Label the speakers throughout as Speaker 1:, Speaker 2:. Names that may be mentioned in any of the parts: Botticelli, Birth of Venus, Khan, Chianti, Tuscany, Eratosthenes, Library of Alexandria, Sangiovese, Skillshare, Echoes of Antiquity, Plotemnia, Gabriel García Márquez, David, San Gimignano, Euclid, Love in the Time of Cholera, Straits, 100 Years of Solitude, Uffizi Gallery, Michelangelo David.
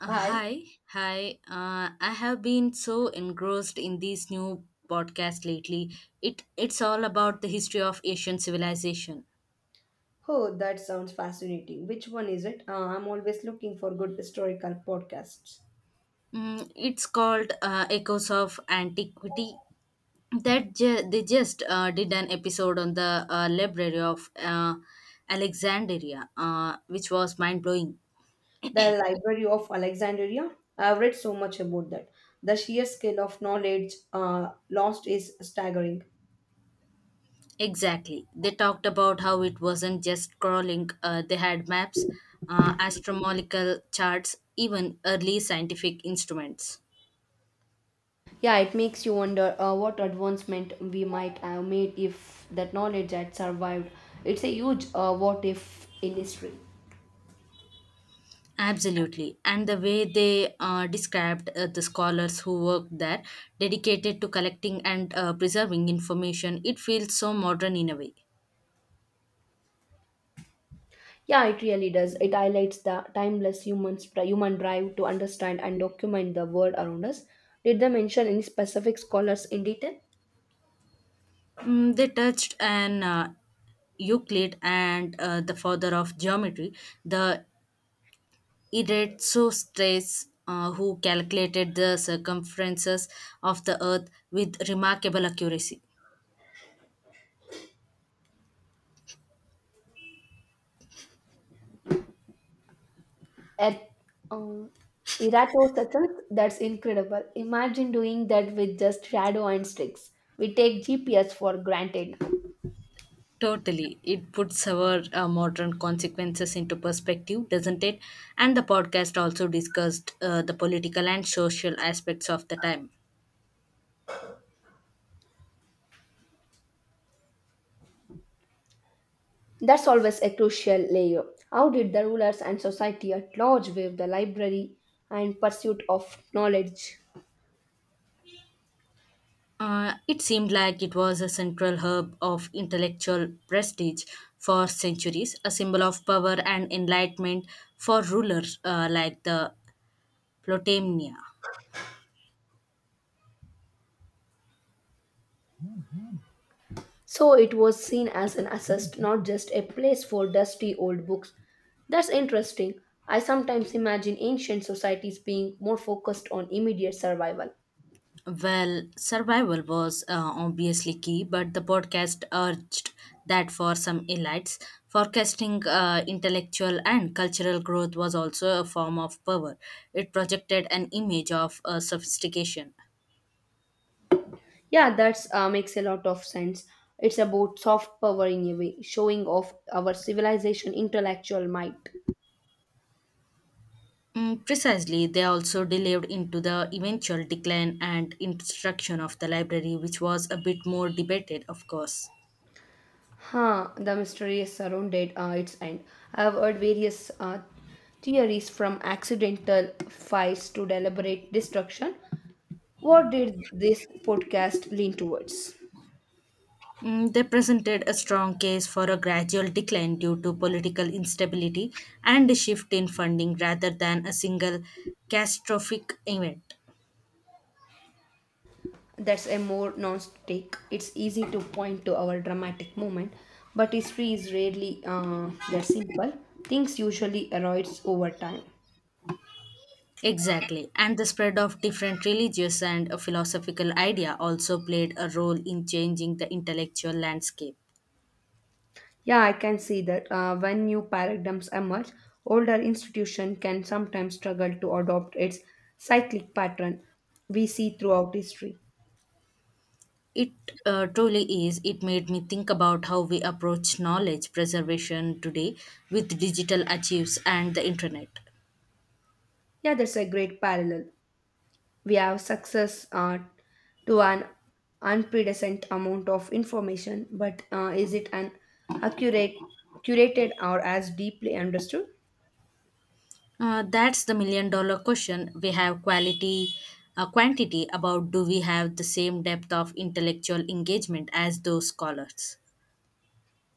Speaker 1: Hi.
Speaker 2: Hi, hi. I have been so engrossed in these new podcasts lately. It's all about the history of Asian civilization.
Speaker 1: Oh, that sounds fascinating. Which one is it? I'm always looking for good historical podcasts.
Speaker 2: It's called Echoes of Antiquity. They just did an episode on the Library of Alexandria, which was mind blowing.
Speaker 1: The Library of Alexandria. I've read so much about that. The sheer scale of knowledge lost is staggering.
Speaker 2: Exactly. They talked about how it wasn't just crawling, they had maps, astronomical charts, even early scientific instruments.
Speaker 1: Yeah, it makes you wonder what advancement we might have made if that knowledge had survived. It's a huge what if in history.
Speaker 2: Absolutely. And the way they described the scholars who worked there, dedicated to collecting and preserving information, it feels so modern in a way.
Speaker 1: Yeah, it really does. It highlights the timeless human drive to understand and document the world around us. Did they mention any specific scholars in detail?
Speaker 2: They touched on Euclid and the father of geometry, the It so Straits, who calculated the circumferences of the Earth with remarkable accuracy.
Speaker 1: At uh, Eratosthenes, that's incredible. Imagine doing that with just shadow and sticks. We take GPS for granted now.
Speaker 2: Totally. It puts our modern consequences into perspective, doesn't it? And the podcast also discussed the political and social aspects of the time.
Speaker 1: That's always a crucial layer. How did the rulers and society at large view the library and pursuit of knowledge?
Speaker 2: It seemed like it was a central hub of intellectual prestige for centuries, a symbol of power and enlightenment for rulers like the Plotemnia.
Speaker 1: So it was seen as an assist, not just a place for dusty old books. That's interesting. I sometimes imagine ancient societies being more focused on immediate survival.
Speaker 2: Well, survival was obviously key, but the podcast urged that for some elites, forecasting intellectual and cultural growth was also a form of power. It projected an image of sophistication.
Speaker 1: Yeah, that makes a lot of sense. It's about soft power in a way, showing off our civilization intellectual might.
Speaker 2: Precisely, they also delved into the eventual decline and instruction of the library, which was a bit more debated, of course.
Speaker 1: Huh, the mystery is surrounded its end. I have heard various theories from accidental fires to deliberate destruction. What did this podcast lean towards?
Speaker 2: They presented a strong case for a gradual decline due to political instability and a shift in funding rather than a single catastrophic event.
Speaker 1: That's a more nuanced take. It's easy to point to our dramatic moment, but history is rarely that simple. Things usually erodes over time.
Speaker 2: Exactly, and the spread of different religious and philosophical idea also played a role in changing the intellectual landscape.
Speaker 1: Yeah, I can see that when new paradigms emerge, older institution can sometimes struggle to adopt its cyclic pattern we see throughout history.
Speaker 2: It truly is. It made me think about how we approach knowledge preservation today with digital archives and the internet.
Speaker 1: Yeah, that's a great parallel. We have success to an unprecedented amount of information, but is it an accurate, curated or as deeply understood?
Speaker 2: That's the million dollar question. We have quality, quantity about do we have the same depth of intellectual engagement as those scholars?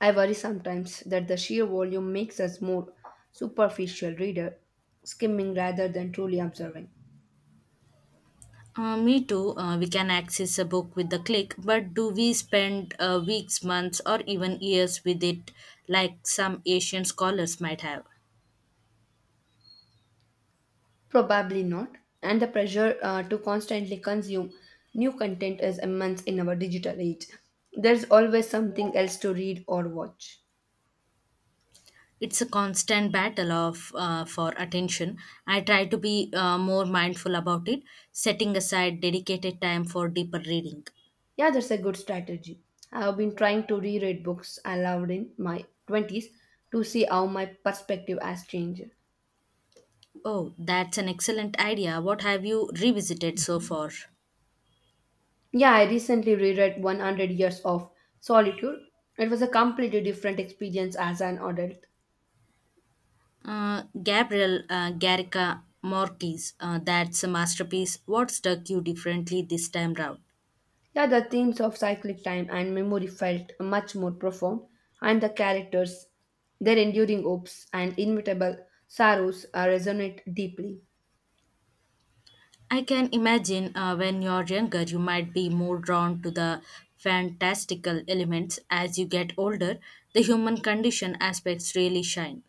Speaker 1: I worry sometimes that the sheer volume makes us more superficial reader, skimming rather than truly observing.
Speaker 2: Me too. We can access a book with a click, but do we spend weeks, months, or even years with it like some Asian scholars might have?
Speaker 1: Probably not, and the pressure to constantly consume new content is immense in our digital age. There's always something else to read or watch.
Speaker 2: It's a constant battle of for attention. I try to be more mindful about it, setting aside dedicated time for deeper reading.
Speaker 1: Yeah, that's a good strategy. I have been trying to reread books I loved in my 20s to see how my perspective has changed.
Speaker 2: Oh, that's an excellent idea. What have you revisited so far?
Speaker 1: Yeah, I recently reread 100 Years of Solitude. It was a completely different experience as an adult.
Speaker 2: Gabriel Garrica Marquez, that's a masterpiece. What struck you differently this time round?
Speaker 1: Yeah, the themes of cyclic time and memory felt much more profound, and the characters, their enduring hopes and inevitable sorrows resonate deeply.
Speaker 2: I can imagine when you're younger, you might be more drawn to the fantastical elements. As you get older, the human condition aspects really shine.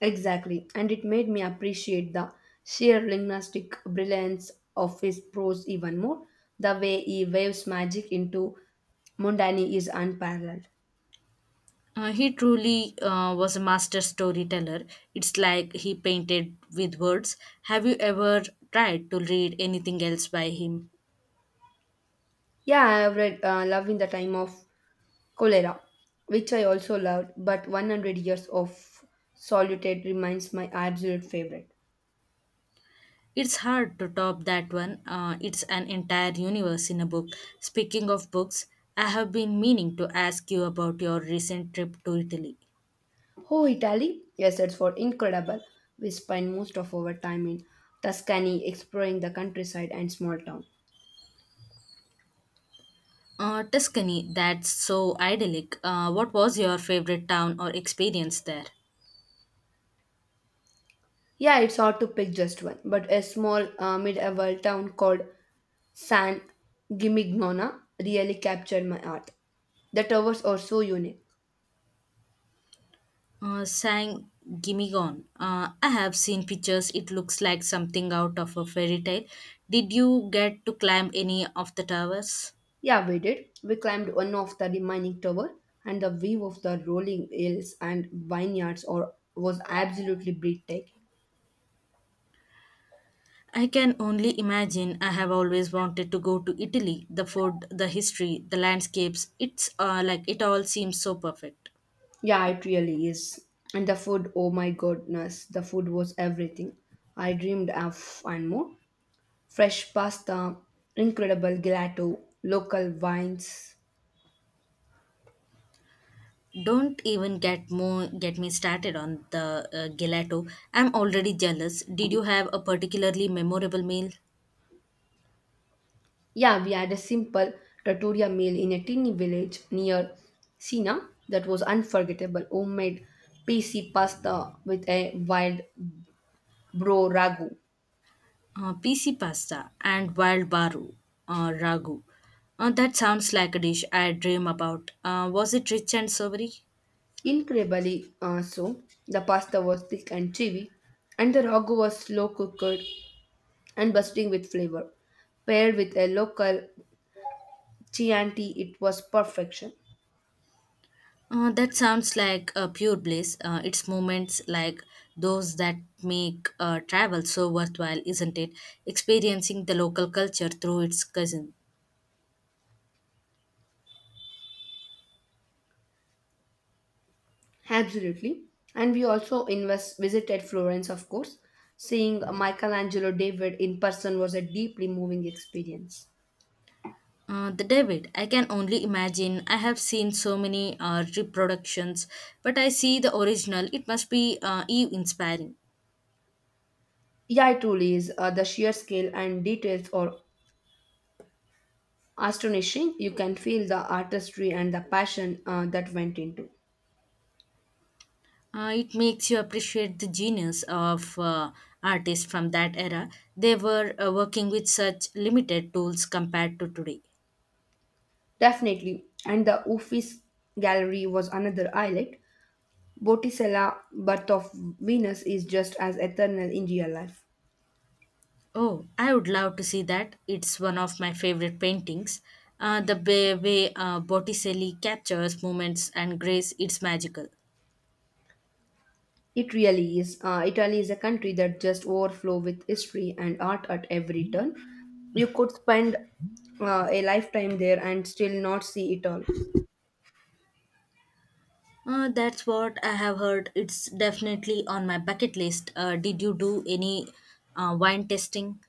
Speaker 1: Exactly, and it made me appreciate the sheer linguistic brilliance of his prose even more. The way he waves magic into Mundani is unparalleled.
Speaker 2: He truly was a master storyteller. It's like he painted with words. Have you ever tried to read anything else by him?
Speaker 1: Yeah, I have read Love in the Time of Cholera, which I also loved, but 100 Years of Solitude remains my absolute favorite.
Speaker 2: It's hard to top that one. It's an entire universe in a book. Speaking of books, I have been meaning to ask you about your recent trip to Italy.
Speaker 1: Oh, Italy? Yes, it's for incredible. We spend most of our time in Tuscany exploring the countryside and small town.
Speaker 2: Tuscany, that's so idyllic. What was your favorite town or experience there?
Speaker 1: Yeah, it's hard to pick just one, but a small medieval town called San Gimignona really captured my art. The towers are so unique.
Speaker 2: Sang Gimme Gone. I have seen pictures. It looks like something out of a fairy tale. Did you get to climb any of the towers?
Speaker 1: Yeah, we did. We climbed one of the remaining tower, and the view of the rolling hills and vineyards or was absolutely breathtaking.
Speaker 2: I can only imagine. I have always wanted to go to Italy. The food, the history, the landscapes. It's like it all seems so perfect.
Speaker 1: Yeah, it really is. And the food, oh my goodness, the food was everything I dreamed of and more. Fresh pasta, incredible gelato, local wines.
Speaker 2: Don't even get me started on the gelato. I'm already jealous. Did you have a particularly memorable meal?
Speaker 1: Yeah, we had a simple trattoria meal in a tiny village near Sina that was unforgettable. Homemade PC pasta with a wild bro ragu.
Speaker 2: PC pasta and wild baru ragu. That sounds like a dish I dream about. Was it rich and savory?
Speaker 1: Incredibly so, the pasta was thick and chewy, and the ragu was slow cooked and bursting with flavor. Paired with a local Chianti, it was perfection.
Speaker 2: That sounds like a pure bliss. It's moments like those that make travel so worthwhile, isn't it? Experiencing the local culture through its cousin.
Speaker 1: Absolutely. And we also visited Florence, of course. Seeing Michelangelo David in person was a deeply moving experience.
Speaker 2: The David, I can only imagine. I have seen so many reproductions, but I see the original. It must be inspiring.
Speaker 1: Yeah, it truly is. The sheer scale and details are astonishing. You can feel the artistry and the passion that went into.
Speaker 2: It makes you appreciate the genius of artists from that era. They were working with such limited tools compared to today.
Speaker 1: Definitely. And the Uffizi Gallery was another highlight. Botticella, Birth of Venus, is just as eternal in real life.
Speaker 2: Oh, I would love to see that. It's one of my favorite paintings. The way Botticelli captures moments and grace, it's magical.
Speaker 1: It really is. Italy is a country that just overflow with history and art at every turn. You could spend a lifetime there and still not see it all.
Speaker 2: That's what I have heard. It's definitely on my bucket list. Did you do any wine tasting?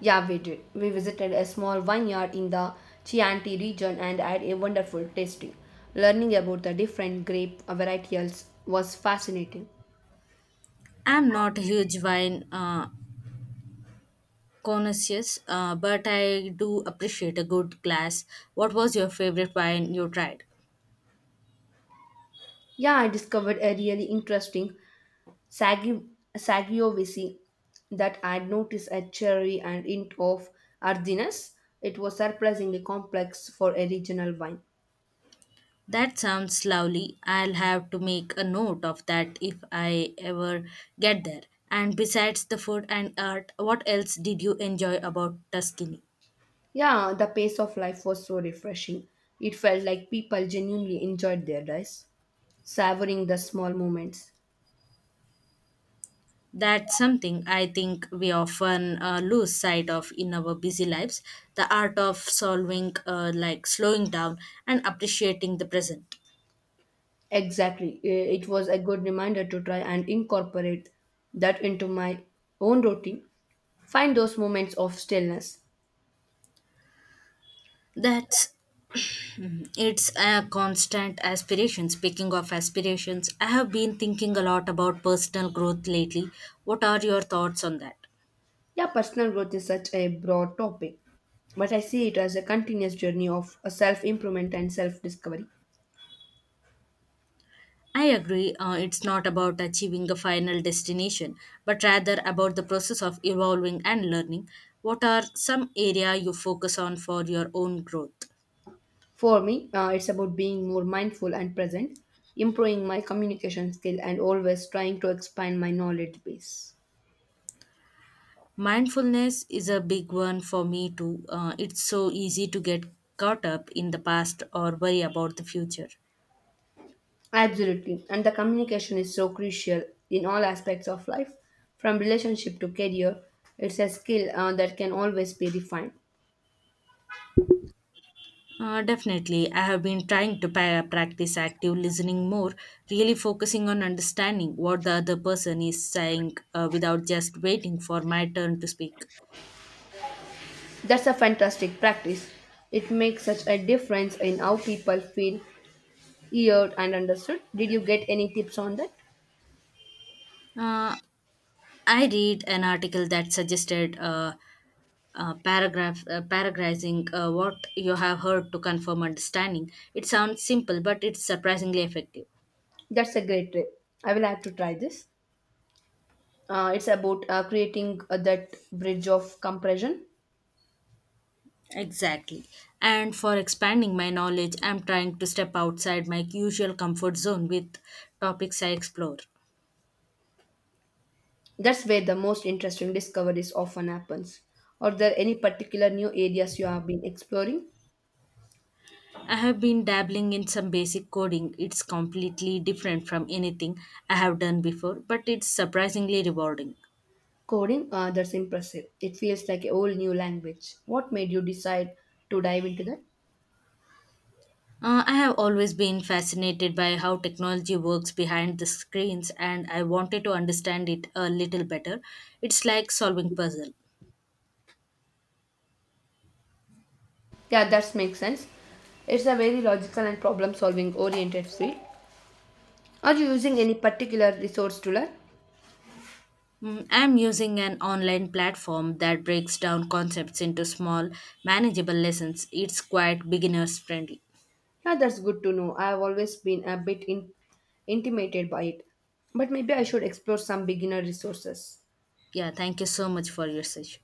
Speaker 1: Yeah, we did. We visited a small vineyard in the Chianti region and had a wonderful tasting. Learning about the different grape varietals was fascinating.
Speaker 2: I'm not a huge wine connoisseurs, but I do appreciate a good glass. What was your favorite wine you tried?
Speaker 1: Yeah, I discovered a really interesting Sagi, Sagiovese that had noticed a cherry and hint of earthiness. It was surprisingly complex for a regional wine.
Speaker 2: That sounds lovely. I'll have to make a note of that if I ever get there. And besides the food and art, what else did you enjoy about Tuscany?
Speaker 1: Yeah, the pace of life was so refreshing. It felt like people genuinely enjoyed their lives, savoring the small moments.
Speaker 2: That's something I think we often lose sight of in our busy lives the art of solving, like slowing down and appreciating the present.
Speaker 1: Exactly. It was a good reminder to try and incorporate that into my own routine. Find those moments of stillness.
Speaker 2: That's It's a constant aspiration. Speaking of aspirations, I have been thinking a lot about personal growth lately. What are your thoughts on that?
Speaker 1: Yeah, personal growth is such a broad topic, but I see it as a continuous journey of self improvement and self discovery.
Speaker 2: I agree, it's not about achieving a final destination, but rather about the process of evolving and learning. What are some area you focus on for your own growth?
Speaker 1: For me, it's about being more mindful and present, improving my communication skill, and always trying to expand my knowledge base.
Speaker 2: Mindfulness is a big one for me too. It's so easy to get caught up in the past or worry about the future.
Speaker 1: Absolutely, and the communication is so crucial in all aspects of life, from relationship to career. It's a skill that can always be refined.
Speaker 2: Definitely. I have been trying to practice active listening more, really focusing on understanding what the other person is saying without just waiting for my turn to speak.
Speaker 1: That's a fantastic practice. It makes such a difference in how people feel you heard and understood. Did you get any tips on that?
Speaker 2: Uh, I read an article that suggested paragraphing what you have heard to confirm understanding. It sounds simple, but it's surprisingly effective.
Speaker 1: That's a great tip. I will have to try this. It's about creating that bridge of compression.
Speaker 2: Exactly. And for expanding my knowledge, I'm trying to step outside my usual comfort zone with topics I explore.
Speaker 1: That's where the most interesting discoveries often happens. Are there any particular new areas you have been exploring?
Speaker 2: I have been dabbling in some basic coding. It's completely different from anything I have done before, but it's surprisingly rewarding.
Speaker 1: Coding, that's impressive. It feels like a whole new language. What made you decide to dive into that?
Speaker 2: I have always been fascinated by how technology works behind the screens, and I wanted to understand it a little better. It's like solving puzzle.
Speaker 1: Yeah, that makes sense. It's a very logical and problem solving oriented field. Are you using any particular resource to learn?
Speaker 2: I'm using an online platform that breaks down concepts into small, manageable lessons. It's quite beginners friendly.
Speaker 1: Yeah, that's good to know. I've always been a bit intimidated by it, but maybe I should explore some beginner resources.
Speaker 2: Yeah, thank you so much for your session.